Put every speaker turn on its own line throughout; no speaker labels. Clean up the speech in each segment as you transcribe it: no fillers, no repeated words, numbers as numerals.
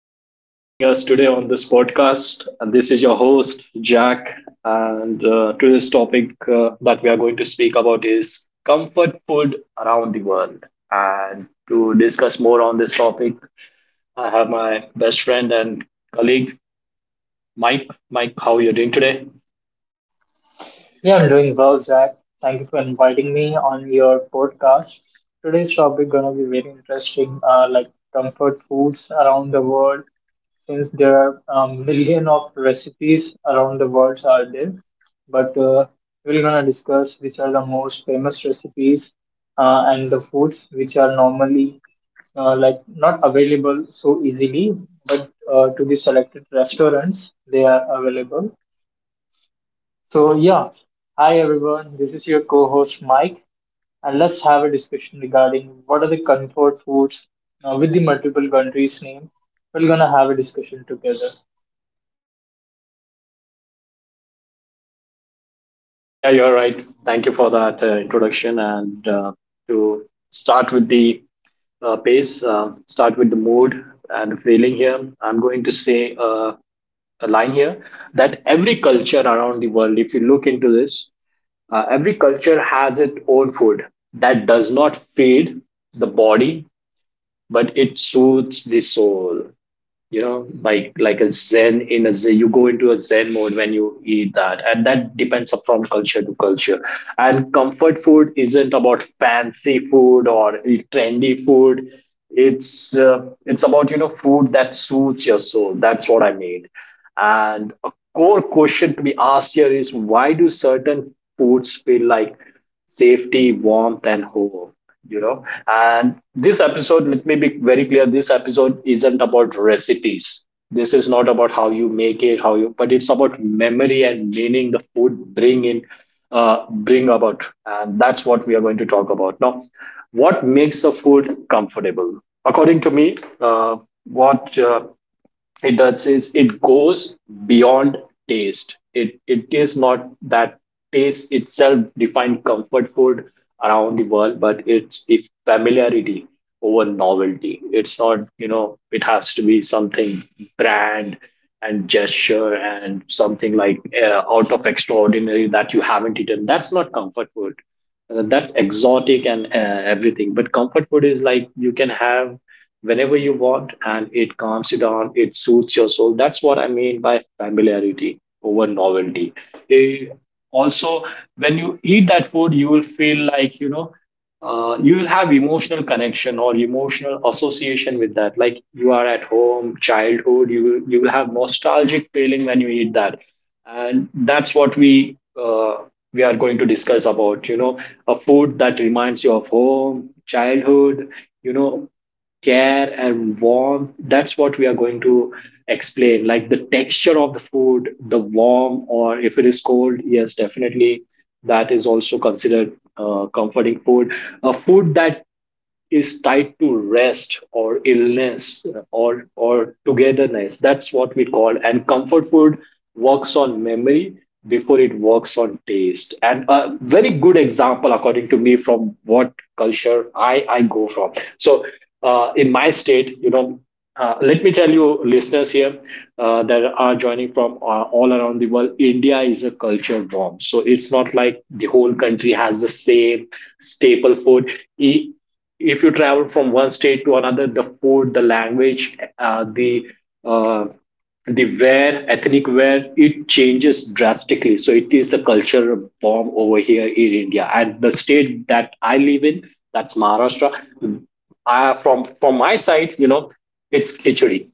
thank you for joining us today on this podcast. And this is your host, Jack. And Today's topic that we are going to speak about is comfort food around the world. And to discuss more on this topic, I have my best friend and colleague, Mike. Mike, how are you doing today?
Yeah, I'm doing well, Jack. Thank you for inviting me on your podcast. Today's topic gonna be very interesting, like comfort foods around the world. Since there are a million of recipes around the world are there, but we're gonna discuss which are the most famous recipes and the foods which are normally like not available so easily, but to the selected restaurants they are available so, yeah, hi everyone, this is your co host Mike, and let's have a discussion regarding what are the comfort foods with the multiple countries' name. We're gonna have a discussion together.
Yeah, you're right. Thank you for that introduction. And To start with the start with the mood and the feeling here, I'm going to say. A line here that every culture around the world, if you look into this, every culture has its own food that does not feed the body, but it soothes the soul, you know, like a zen, in a zen, you go into a zen mode when you eat that, and that depends up from culture to culture. And comfort food isn't about fancy food or trendy food. It's about, you know, food that suits your soul. That's what I mean. And a core question to be asked here is, why do certain foods feel like safety, warmth and home? You know, and this episode, let me be very clear, this episode isn't about recipes. This is not about how you make it, how you, but it's about memory and meaning the food bring in, bring about. And that's what we are going to talk about now. What makes a food comfortable? According to me, uh, what it does is it goes beyond taste. It is not that taste itself define comfort food around the world, but it's the familiarity over novelty. It's not, you know, it has to be something brand and gesture and something like, out of extraordinary, that you haven't eaten. That's not comfort food. That's exotic and everything. But comfort food is like you can have whenever you want, and it calms you down, it suits your soul. That's what I mean by familiarity over novelty. Eh, Also, when you eat that food, you will feel like, you know, you will have emotional connection or emotional association with that, like you are at home, childhood. You will have nostalgic feeling when you eat that. And that's what we are going to discuss about, you know, a food that reminds you of home, childhood, you know, care and warmth. That's what we are going to explain, like the texture of the food, the warm, or if it is cold, yes, definitely that is also considered comforting food. A food that is tied to rest or illness or togetherness, that's what we call. And comfort food works on memory before it works on taste. And a very good example, according to me, from what culture I go from. So in my state, you know, let me tell you, listeners here, that are joining from all around the world, India is a culture bomb. So it's not like the whole country has the same staple food. E- if you travel from one state to another, the food, the language, uh, the wear, ethnic wear, it changes drastically. So it is a cultural bomb over here in India, and the state that I live in, that's Maharashtra. From my side, you know, it's khichdi.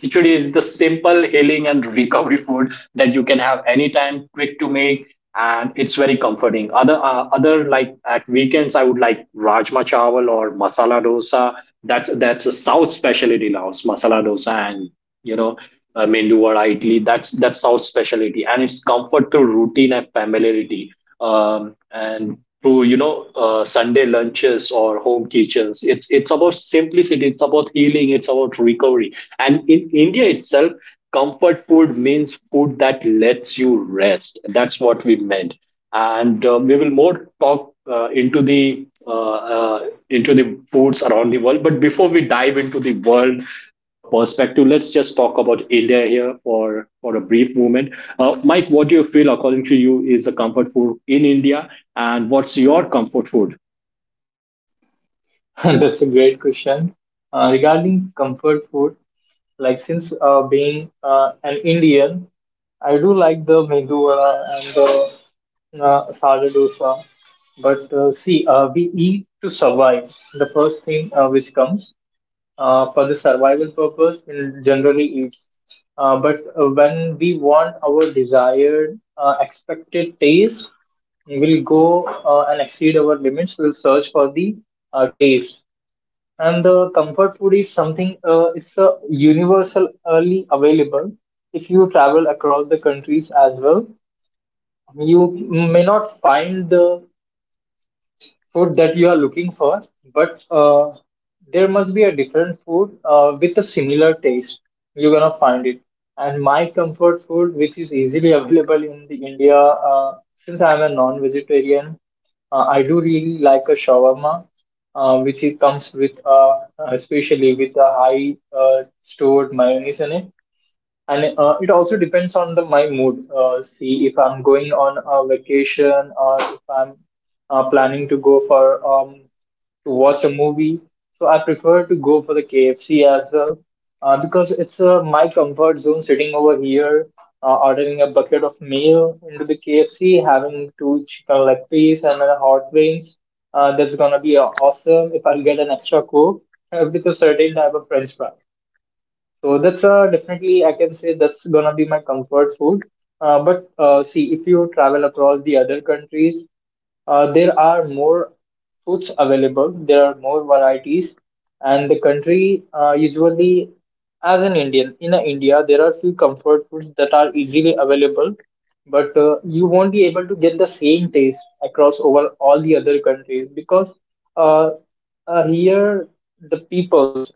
Khichdi is the simple healing and recovery food that you can have anytime, quick to make, and it's very comforting. Other like at weekends, I would like rajma chawal or masala dosa. That's a South specialty now, masala dosa, and you know, mendu or idli, that's south specialty, and it's comfort through routine and familiarity. um, and through, you know, sunday lunches or home kitchens, it's about simplicity, it's about healing, it's about recovery. And in India itself, comfort food means food that lets you rest. That's what we meant. And We will more talk uh, into the uh, uh, into the foods around the world. But before we dive into the world perspective, let's just talk about India here for a brief moment. Mike, what do you feel, according to you, is a comfort food in India? And what's your comfort food?
That's a great question. Regarding comfort food, like since being an Indian, I do like the mango vada and the sada dosa, but see, we eat to survive. The first thing which comes. For the survival purpose we'll generally eat. But when we want our desired expected taste, we'll go and exceed our limits. We'll search for the taste. And the comfort food is something, it's a universally available. If you travel across the countries as well, you may not find the food that you are looking for, but there must be a different food with a similar taste. You're gonna find it. And my comfort food, which is easily available in the India, since I'm a non-vegetarian, I do really like a shawarma, which it comes with, especially with a high stored mayonnaise in it and it also depends on the my mood, see if I'm going on a vacation or if I'm planning to go for um to watch a movie, so I prefer to go for the KFC as well, because it's my comfort zone sitting over here, ordering a bucket of meal into the KFC, having two chicken leg piece and a hot wings. That's gonna be awesome if I get an extra coke with a certain type of french fry. So that's definitely I can say that's gonna be my comfort food. But see, if you travel across the other countries, there are more foods available. There are more varieties, and the country usually, as an Indian in India, there are few comfort foods that are easily available, but you won't be able to get the same taste across over all the other countries because uh, here the peoples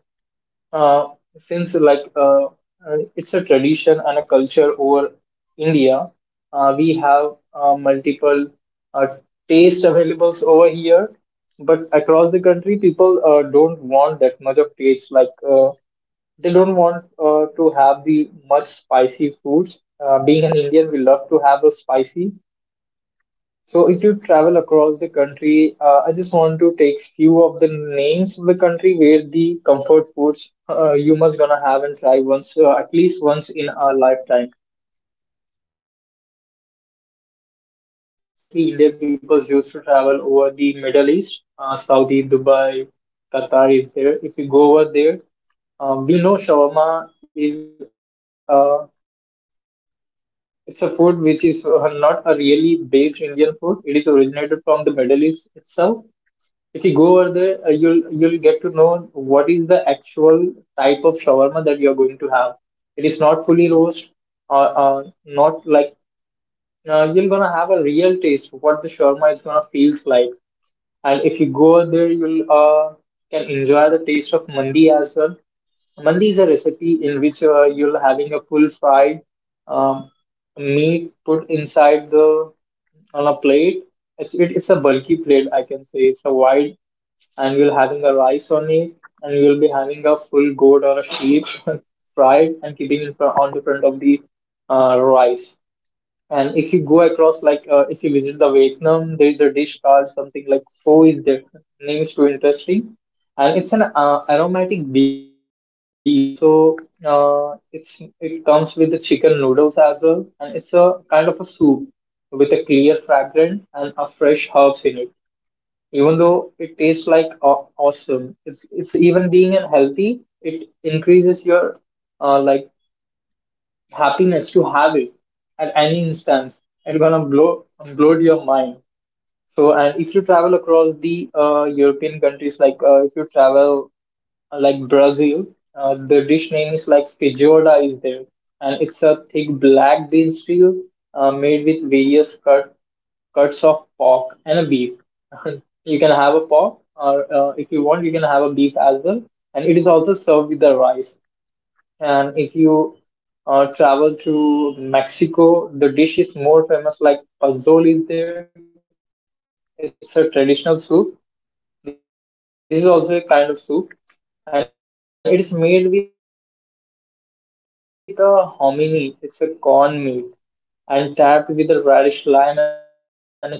uh, since it's a tradition and a culture over India, we have multiple uh, taste availables over here. But across the country, people don't want that much of taste. Like they don't want to have the much spicy foods. Being an Indian, we love to have a spicy. So if you travel across the country, I just want to take few of the names of the country where the comfort foods you must gonna have and try once, at least once in a lifetime. So if you travel, like mostly Indian people used to travel over the Middle East, Saudi, Dubai, Qatar is there. If you go over there, we know shawarma is a, it's a food which is not a really based Indian food. It is originated from the Middle East itself. If you go over there, you'll get to know what is the actual type of shawarma that you are going to have. It is not fully roast, not like, you're gonna have a real taste of what the shawarma is gonna feels like. And if you go over there, you'll can enjoy the taste of mandi as well. Mandi is a recipe in which you're having a full fried um, meat put inside the, on a plate. It is a bulky plate, I can say. It's a wide, and we'll having a rice on it, and we'll be having a full goat or a sheep fried and keeping it on the front of the rice. And if you go across, if you visit the Vietnam, there is a dish called something like pho is there. Name is too interesting, and it's an aromatic beef, and also it comes with the chicken noodles as well, and it's a kind of a soup with a clear fragrance and a fresh. Even though it tastes like awesome, it's even being unhealthy, it increases your like happiness to have it at any instance. It's gonna blow your mind. So, and if you travel across the European countries, if you travel like Brazil, the dish name is like feijoada is there, and it's a thick black bean stew made with various cuts of pork and a beef. You can have a pork, or if you want, you can have a beef as well, and it is also served with the rice. And if you travel to Mexico, the dish is more famous, like pozole is there. It's a traditional soup. This is also a kind of soup, and it is made with a hominy meat. It's a corn meat, and tapped with a radish, lime, and a chili. That enhance its fragrance as well as the taste. So I must say,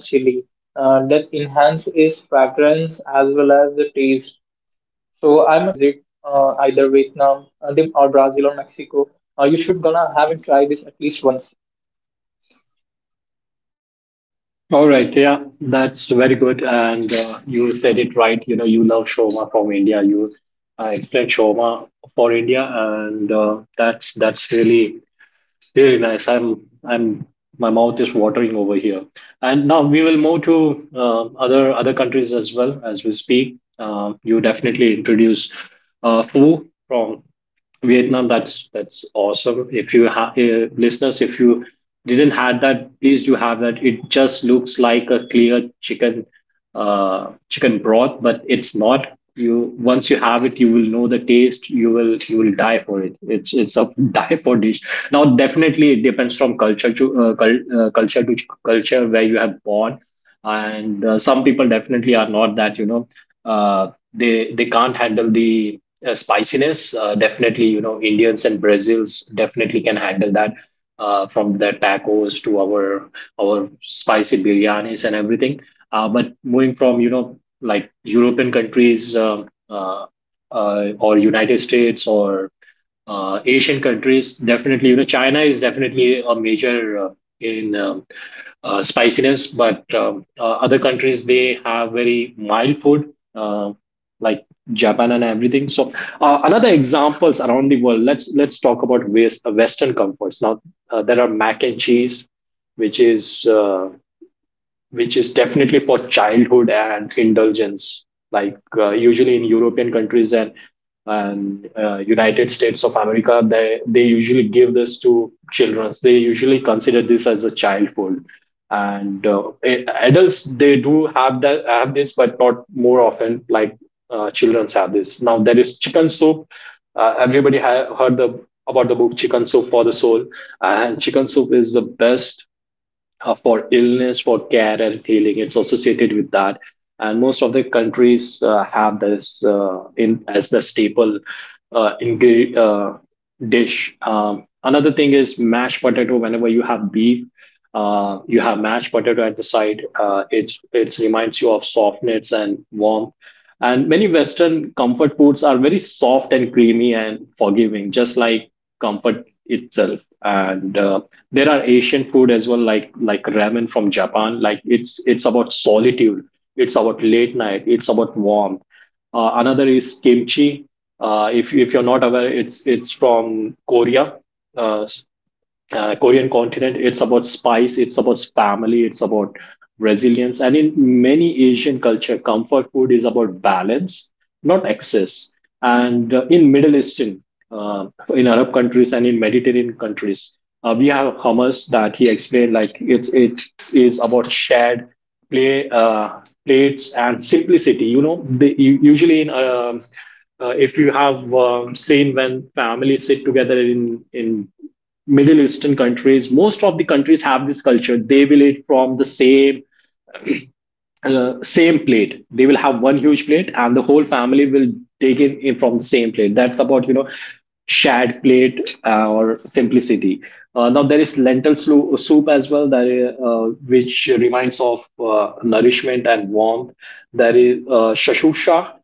to my viewers, if they have any plans to visit either Vietnam, them or Brazil or Mexico, you should gonna have and try this at least once.
All right, yeah, that's very good, and you said it right. You know, you love shawarma from India. You explained shawarma for India, and that's really very nice. I'm my mouth is watering over here. And now we will move to other countries as well as we speak. You definitely introduce Fu from Vietnam. That's awesome. If you have, listeners, if you didn't have that, please do have that. It just looks like a clear chicken broth, but it's not. You Once you have it, you will know the taste. You will die for it. It's a die for dish. Now, definitely, it depends from culture to culture where you have born, and some people definitely are not that. You know, they can't handle the spiciness. Definitely, you know, Indians and Brazils definitely can handle that. From their tacos to our spicy biryanis and everything. But moving from, you know, like European countries, or United States or Asian countries, definitely, you know, China is definitely a major uh, in spiciness, but other countries, they have very mild food, like Japan and everything. So another examples around the world. Let's talk about Western comforts. Now there are mac and cheese, which is uh, which is definitely for childhood and indulgence. Like usually in European countries and United States of America, they usually give this to children. They usually consider this as a child food, and adults they do have that have this, but not more often like childrens have this. Now there is chicken soup. Everybody heard the about the book Chicken Soup for the Soul, and chicken soup is the best for illness, for care and healing. It's associated with that, and most of the countries have this in as the staple uh, ingre- uh, dish. Another thing is mashed potato. Whenever you have beef, you have mashed potato at the side. It reminds you of softness and warmth, and many Western comfort foods are very soft and creamy and forgiving, just like comfort itself. And There are Asian food as well, like ramen from Japan. Like it's about solitude. It's about late night. It's about warmth. Another is kimchi. If you're not aware, it's from Korea, uh, Korean continent. It's about spice. It's about family. It's about resilience. And in many Asian culture, comfort food is about balance, not excess. And In Middle Eastern, uh, in Arab countries and in Mediterranean countries, we have hummus that he explained, like it is about shared play plates and simplicity. You know, usually in if you have seen when families sit together in Middle Eastern countries, most of the countries have this culture. They will eat from the same plate. They will have one huge plate and the whole family will take in from the same plate. That's about, you know, shared plate or simplicity. Now there is lentil soup as well, that is, which reminds of nourishment and warmth. There is shashusha,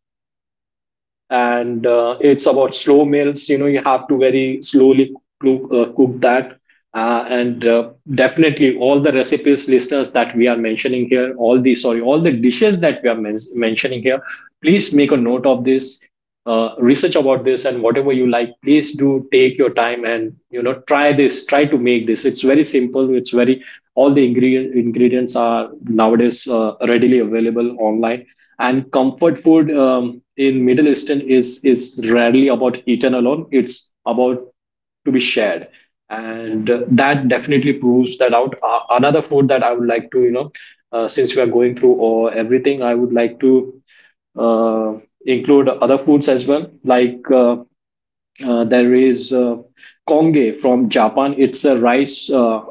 and it's about slow meals. You know, you have to very slowly cook that and definitely. All the recipes, listeners, that we are mentioning here, all the, sorry, all the dishes that we are mentioning here, please make a note of this. Research about this, and whatever you like, please do take your time and, you know, try this, try to make this. It's very simple. It's very. All the ingredients are nowadays readily available online. And comfort food in middle eastern is rarely about eaten alone. It's about to be shared. And that definitely proves that out. Uh, another food that I would like to, you know, since we are going through or everything, I would like to uh, include other foods as well, like, there is konge from Japan. It's a rice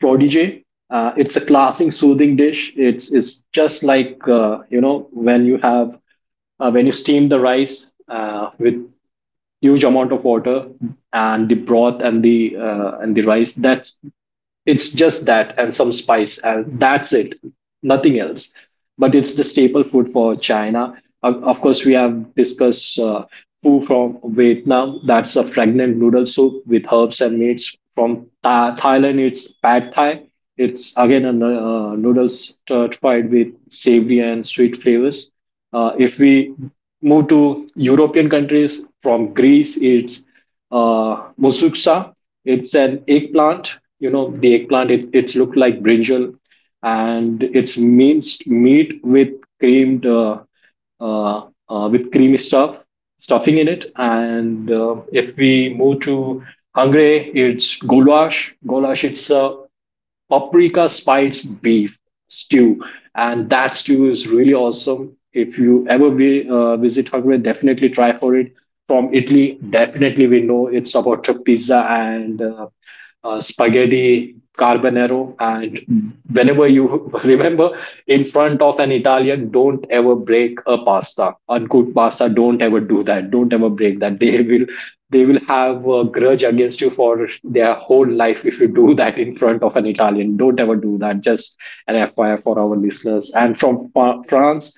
protege. It's a classing, soothing dish. It's just like, you know, when you have when you steam the rice with huge amount of water and the broth and the rice. That's it's just that and some spice, and that's it, nothing else. But it's the staple food for China. Of course, we have discussed foo from Vietnam. That's a fragrant noodle soup with herbs and meats. From Thailand, it's pad Thai. It's again a noodle stir-fried with savory and sweet flavors. If we move to European countries, from Greece, it's mosuksa. It's an eggplant. You know, the eggplant, it's looked like brinjal, and it's minced meat with creamed, uh, with creamy stuffing in it. And if we move to Hungary, it's goulash. Goulash, it's a paprika spiced beef stew, and that stew is really awesome. If you ever visit Hungary, definitely try for it. From Italy, definitely we know it's about a pizza and spaghetti carbonaro. And whenever you remember, in front of an Italian, don't ever break a pasta, uncooked pasta. Don't ever do that. Don't ever break that. They will have a grudge against you for their whole life if you do that in front of an Italian. Don't ever do that. Just an FYI for our listeners. And from France,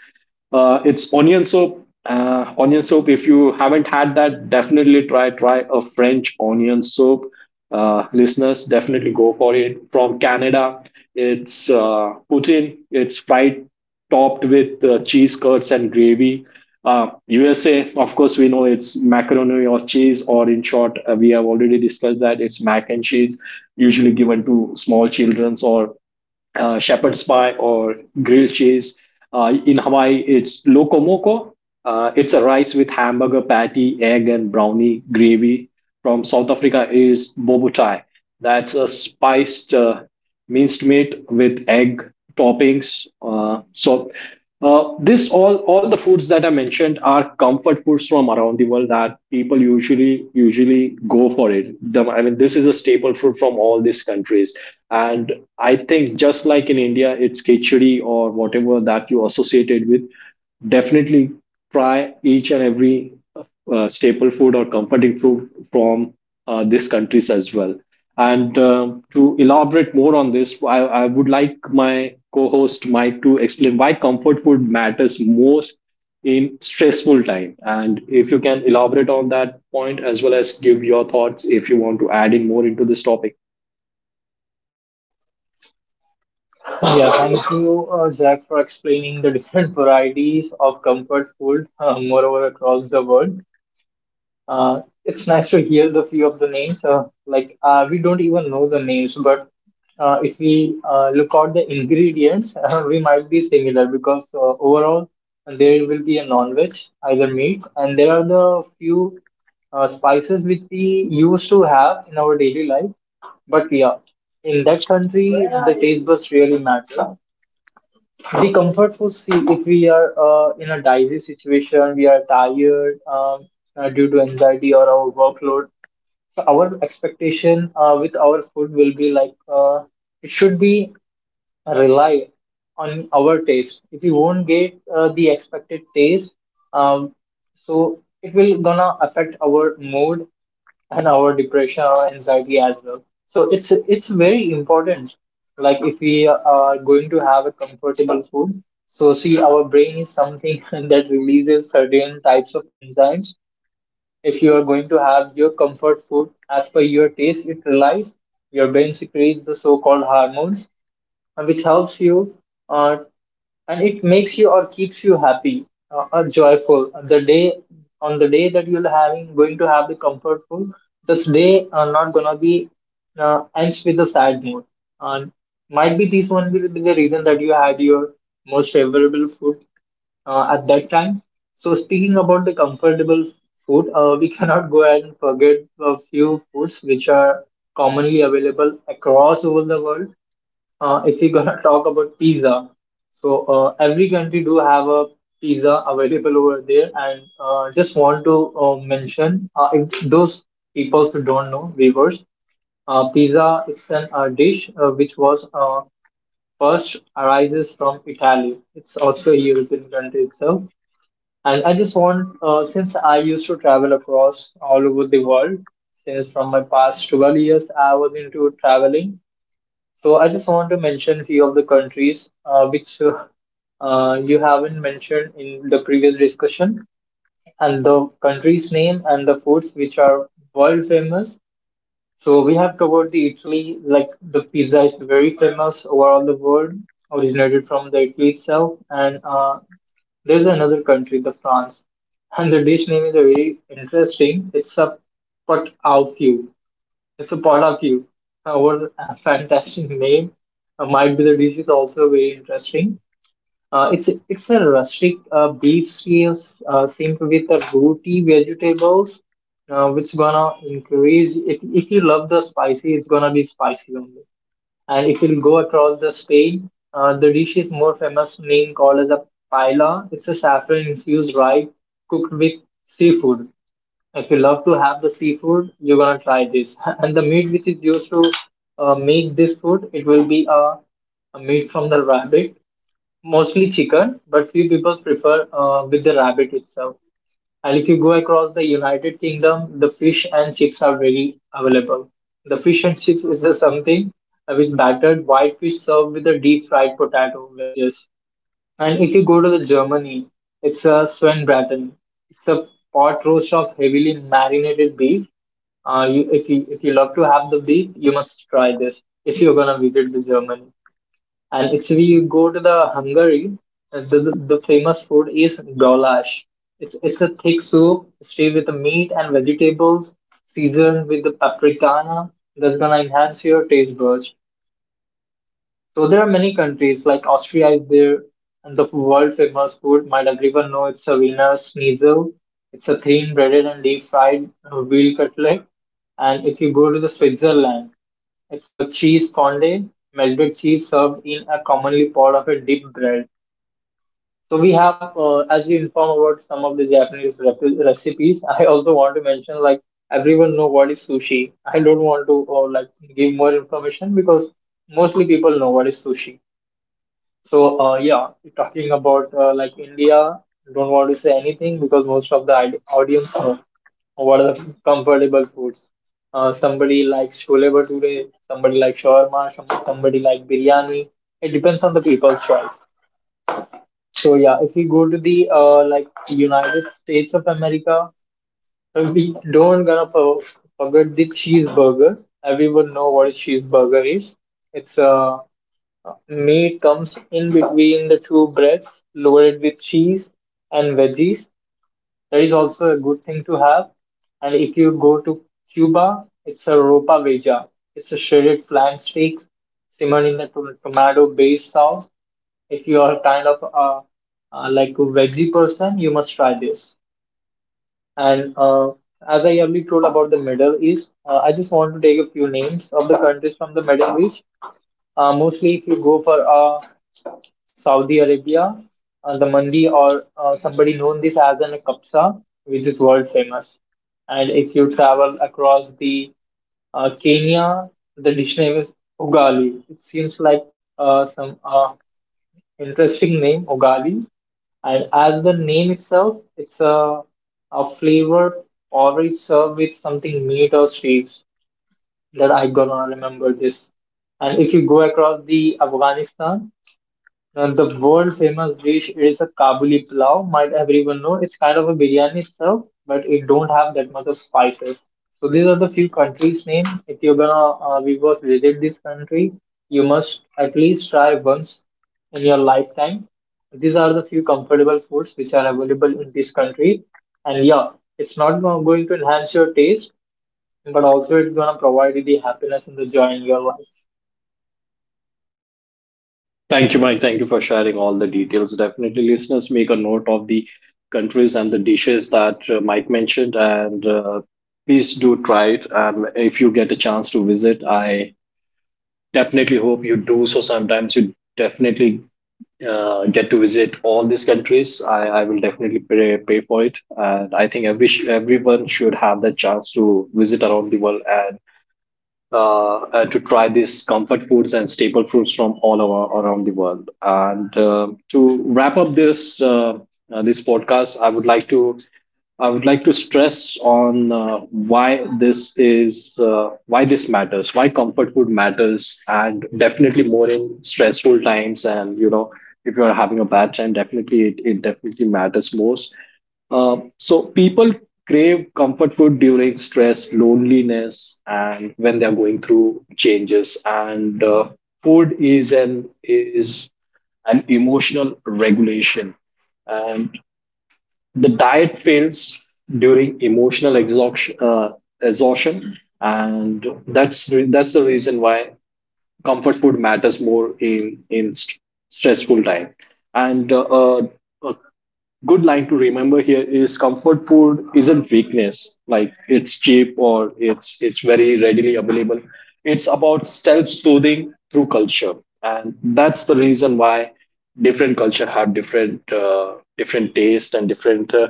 it's onion soup. Onion soup. If you haven't had that, definitely try a French onion soup. Listeners, definitely go for it. From Canada, it's poutine. It's fried topped with cheese curds and gravy. USA, of course, we know it's macaroni or cheese, or in short, we have already discussed that it's mac and cheese, usually given to small children or shepherd's pie or grilled cheese. In Hawaii, it's loco moco. It's a rice with hamburger patty, egg, and brownie gravy. From South Africa is bobo chai. That's a spiced minced meat with egg toppings. So this all the foods that I mentioned are comfort foods from around the world that people usually go for it. I mean, this is a staple food from all these countries, and I think just like in India, it's khichdi or whatever that you associated with. Definitely try each and every staple food or comforting food from these countries as well. And um, to elaborate more on this, I would like my co host Mike to explain why comfort food matters most in stressful time. And if you can elaborate on that point as well as give your thoughts if you want to add in more into this topic.
Yeah, thank you, Zach, for explaining the different varieties of comfort food, moreover, across the world. It's nice to hear the few of the names. Like, we don't even know the names, but if we look out the ingredients, we might be similar because overall there will be a non-veg, either meat, and there are the few spices which we used to have in our daily life. But yeah, in that country, the taste buds really matter. The comfort food, see, if we are in a dicey situation, we are tired, due to anxiety or our workload. So our expectation with our food will be like, it should be rely on our taste. If we won't get the expected taste, um, so it will gonna affect our mood and our depression or anxiety as well. So it's very important. Like if we are going to have a comfortable food, so see our brain is something that releases certain types of enzymes. If you are going to have your comfort food as per your taste, it relies your brain secretes the so-called hormones which helps you uh, and it makes you or keeps you happy or joyful the day on the day that you're having going to have the comfort food. This day are not gonna be ends with a sad mood, and might be this one will be the reason that you had your most favorable food at that time. So speaking about the comfortable food, we cannot go and forget a few foods which are commonly available across over the world. If we're gonna talk about pizza, so every country do have a pizza available over there, and just want to mention, if those people who don't know viewers, pizza, it's an dish which was first arises from Italy. It's also a European country itself, and I just want, since I used to travel across all over the world. Since from my past 12 years, I was into traveling, so I just want to mention a few of the countries which you haven't mentioned in the previous discussion, and the country's name and the foods which are world famous. So we have covered the Italy, like the pizza is very famous overall the world, originated from the Italy itself, and there's another country, the France, and the dish name is very interesting. It's a pot au feu. It's a part of you. Uh, a fantastic name. Might be the dish is also very interesting. It's a rustic beef stew, simple with the rooty vegetables, which gonna increase. If you love the spicy, it's gonna be spicy only. And if you go across the Spain, the dish is more famous name called as a paella. It's a saffron infused rice cooked with seafood. If you love to have the seafood, you're gonna try this. And the meat which is used to make this food, it will be a meat from the rabbit, mostly chicken, but few people prefer with the rabbit itself. And if you go across the United Kingdom, the fish and chips are very available. The fish and chips is something with battered white fish served with a deep fried potato wedges. And if you go to the Germany, it's a Schweinbraten. It's a pot roast of heavily marinated beef. You, if you if you love to have the beef, you must try this if you're gonna visit the Germany. And if you go to the Hungary, the famous food is goulash. It's a thick soup, stay with the meat and vegetables, seasoned with the paprikana. That's gonna enhance your taste buds. So there are many countries like Austria is there, and the world famous food might everyone know it's a Wiener Schnitzel. It's a thin breaded and deep fried veal cutlet. And if you go to the Switzerland, it's a cheese fondue, melted cheese served in a commonly part of a deep bread. So we have, as you inform about some of the Japanese recipes, I also want to mention like everyone know what is sushi. I don't want to like give more information because mostly people know what is sushi. So, uh, yeah, talking about like India, don't want to say anything because most of the audience know what are the comfortable foods. Somebody likes chole bhature, somebody likes shawarma, somebody like biryani. It depends on the people's choice. So yeah, if we go to the like United States of America, we don't gonna forget the cheeseburger. Everyone know what a cheeseburger is. It's a meat comes in between the two breads, loaded with cheese and veggies. That is also a good thing to have. And if you go to Cuba, it's a ropa vega. It's a shredded flank steak simmered in the tomato-based sauce. If you are kind of a like a veggie person, you must try this. And As I already told about the Middle East, I just want to take a few names of the countries from the Middle East. Mostly, if you go for a Saudi Arabia, the mandi, or somebody known this as an kapsa, which is world famous. And if you travel across the Kenya, the dish name is ugali. It seems like some interesting name, ugali. And as the name itself, it's a flavor already served with something meat or sweets that I gonna remember this. And if you go across the Afghanistan, the world famous dish is a Kabuli pulao. Might everyone know? It's kind of a biryani itself, but it don't have that much of spices. So these are the few countries name. If you're gonna we was visit this country, you must at least try once in your lifetime. These are the few comfortable foods which are available in this country, and yeah, it's not going to enhance your taste, but also it's gonna provide you the happiness and the joy in your life.
Thank you, Mike. Thank you for sharing all the details. Definitely, listeners, make a note of the countries and the dishes that Mike mentioned, and please do try it. And if you get a chance to visit, I definitely hope you do. So sometimes you definitely get to visit all these countries. I will definitely pay for it, and I think everyone should have the chance to visit around the world and to try these comfort foods and staple foods from all over around the world. And to wrap up this this podcast, I would like to stress on why this is why this matters, why comfort food matters, and definitely more in stressful times. And you know, if you are having a bad time, definitely it definitely matters most. So people crave comfort food during stress, loneliness, and when they're going through changes. And food is an emotional regulation, and the diet fails during emotional exhaustion. Exhaustion, and that's the reason why comfort food matters more in stressful time, and a good line to remember here is comfort food isn't weakness, like it's cheap or it's very readily available. It's about self-soothing through culture, and that's the reason why different culture have different taste and different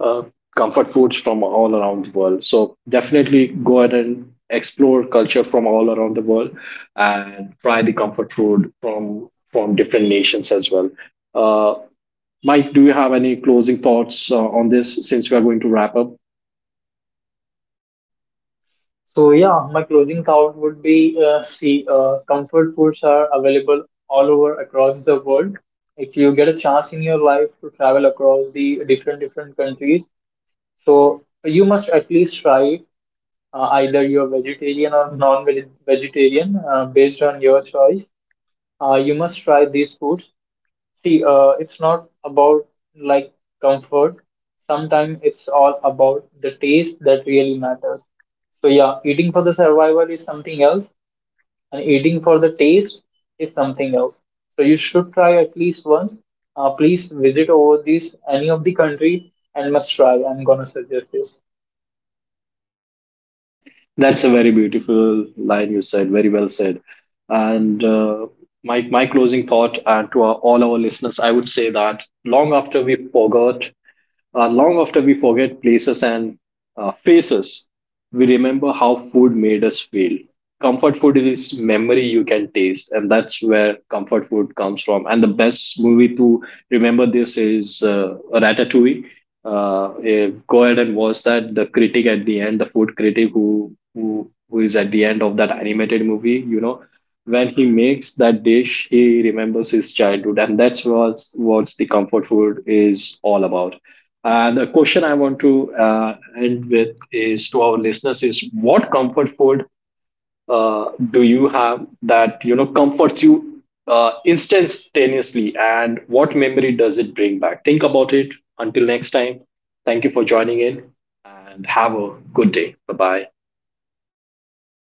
uh, comfort foods from all around the world. So definitely go ahead and explore culture from all around the world and try the comfort food from different nations as well. uh, Mike, do you have any closing thoughts on this, since we are going to wrap up?
So yeah, my closing thought would be see comfort foods are available all over across the world. If you get a chance in your life to travel across the different different countries, so you must at least try either you're vegetarian or non-vegetarian based on your choice. You must try these foods. See, it's not about like comfort. Sometimes it's all about the taste that really matters. So yeah, eating for the survival is something else, and eating for the taste is something else. So you should try at least once. Please visit over this any of the country and must try. I'm gonna suggest this.
That's a very beautiful line you said, very well said. And my closing thought, and to our, all our listeners, I would say that long after we forget places and faces, we remember how food made us feel. Comfort food is memory you can taste, and that's where comfort food comes from. And the best movie to remember this is Ratatouille. Go ahead and watch that. The critic at the end, the food critic who is at the end of that animated movie, you know, when he makes that dish, he remembers his childhood, and that's what's the comfort food is all about. And the question I want to end with is, to our listeners, is what comfort food do you have that you know comforts you instantaneously, and what memory does it bring back? Think about it. Until next time, thank you for joining in, and have a good day. Bye bye.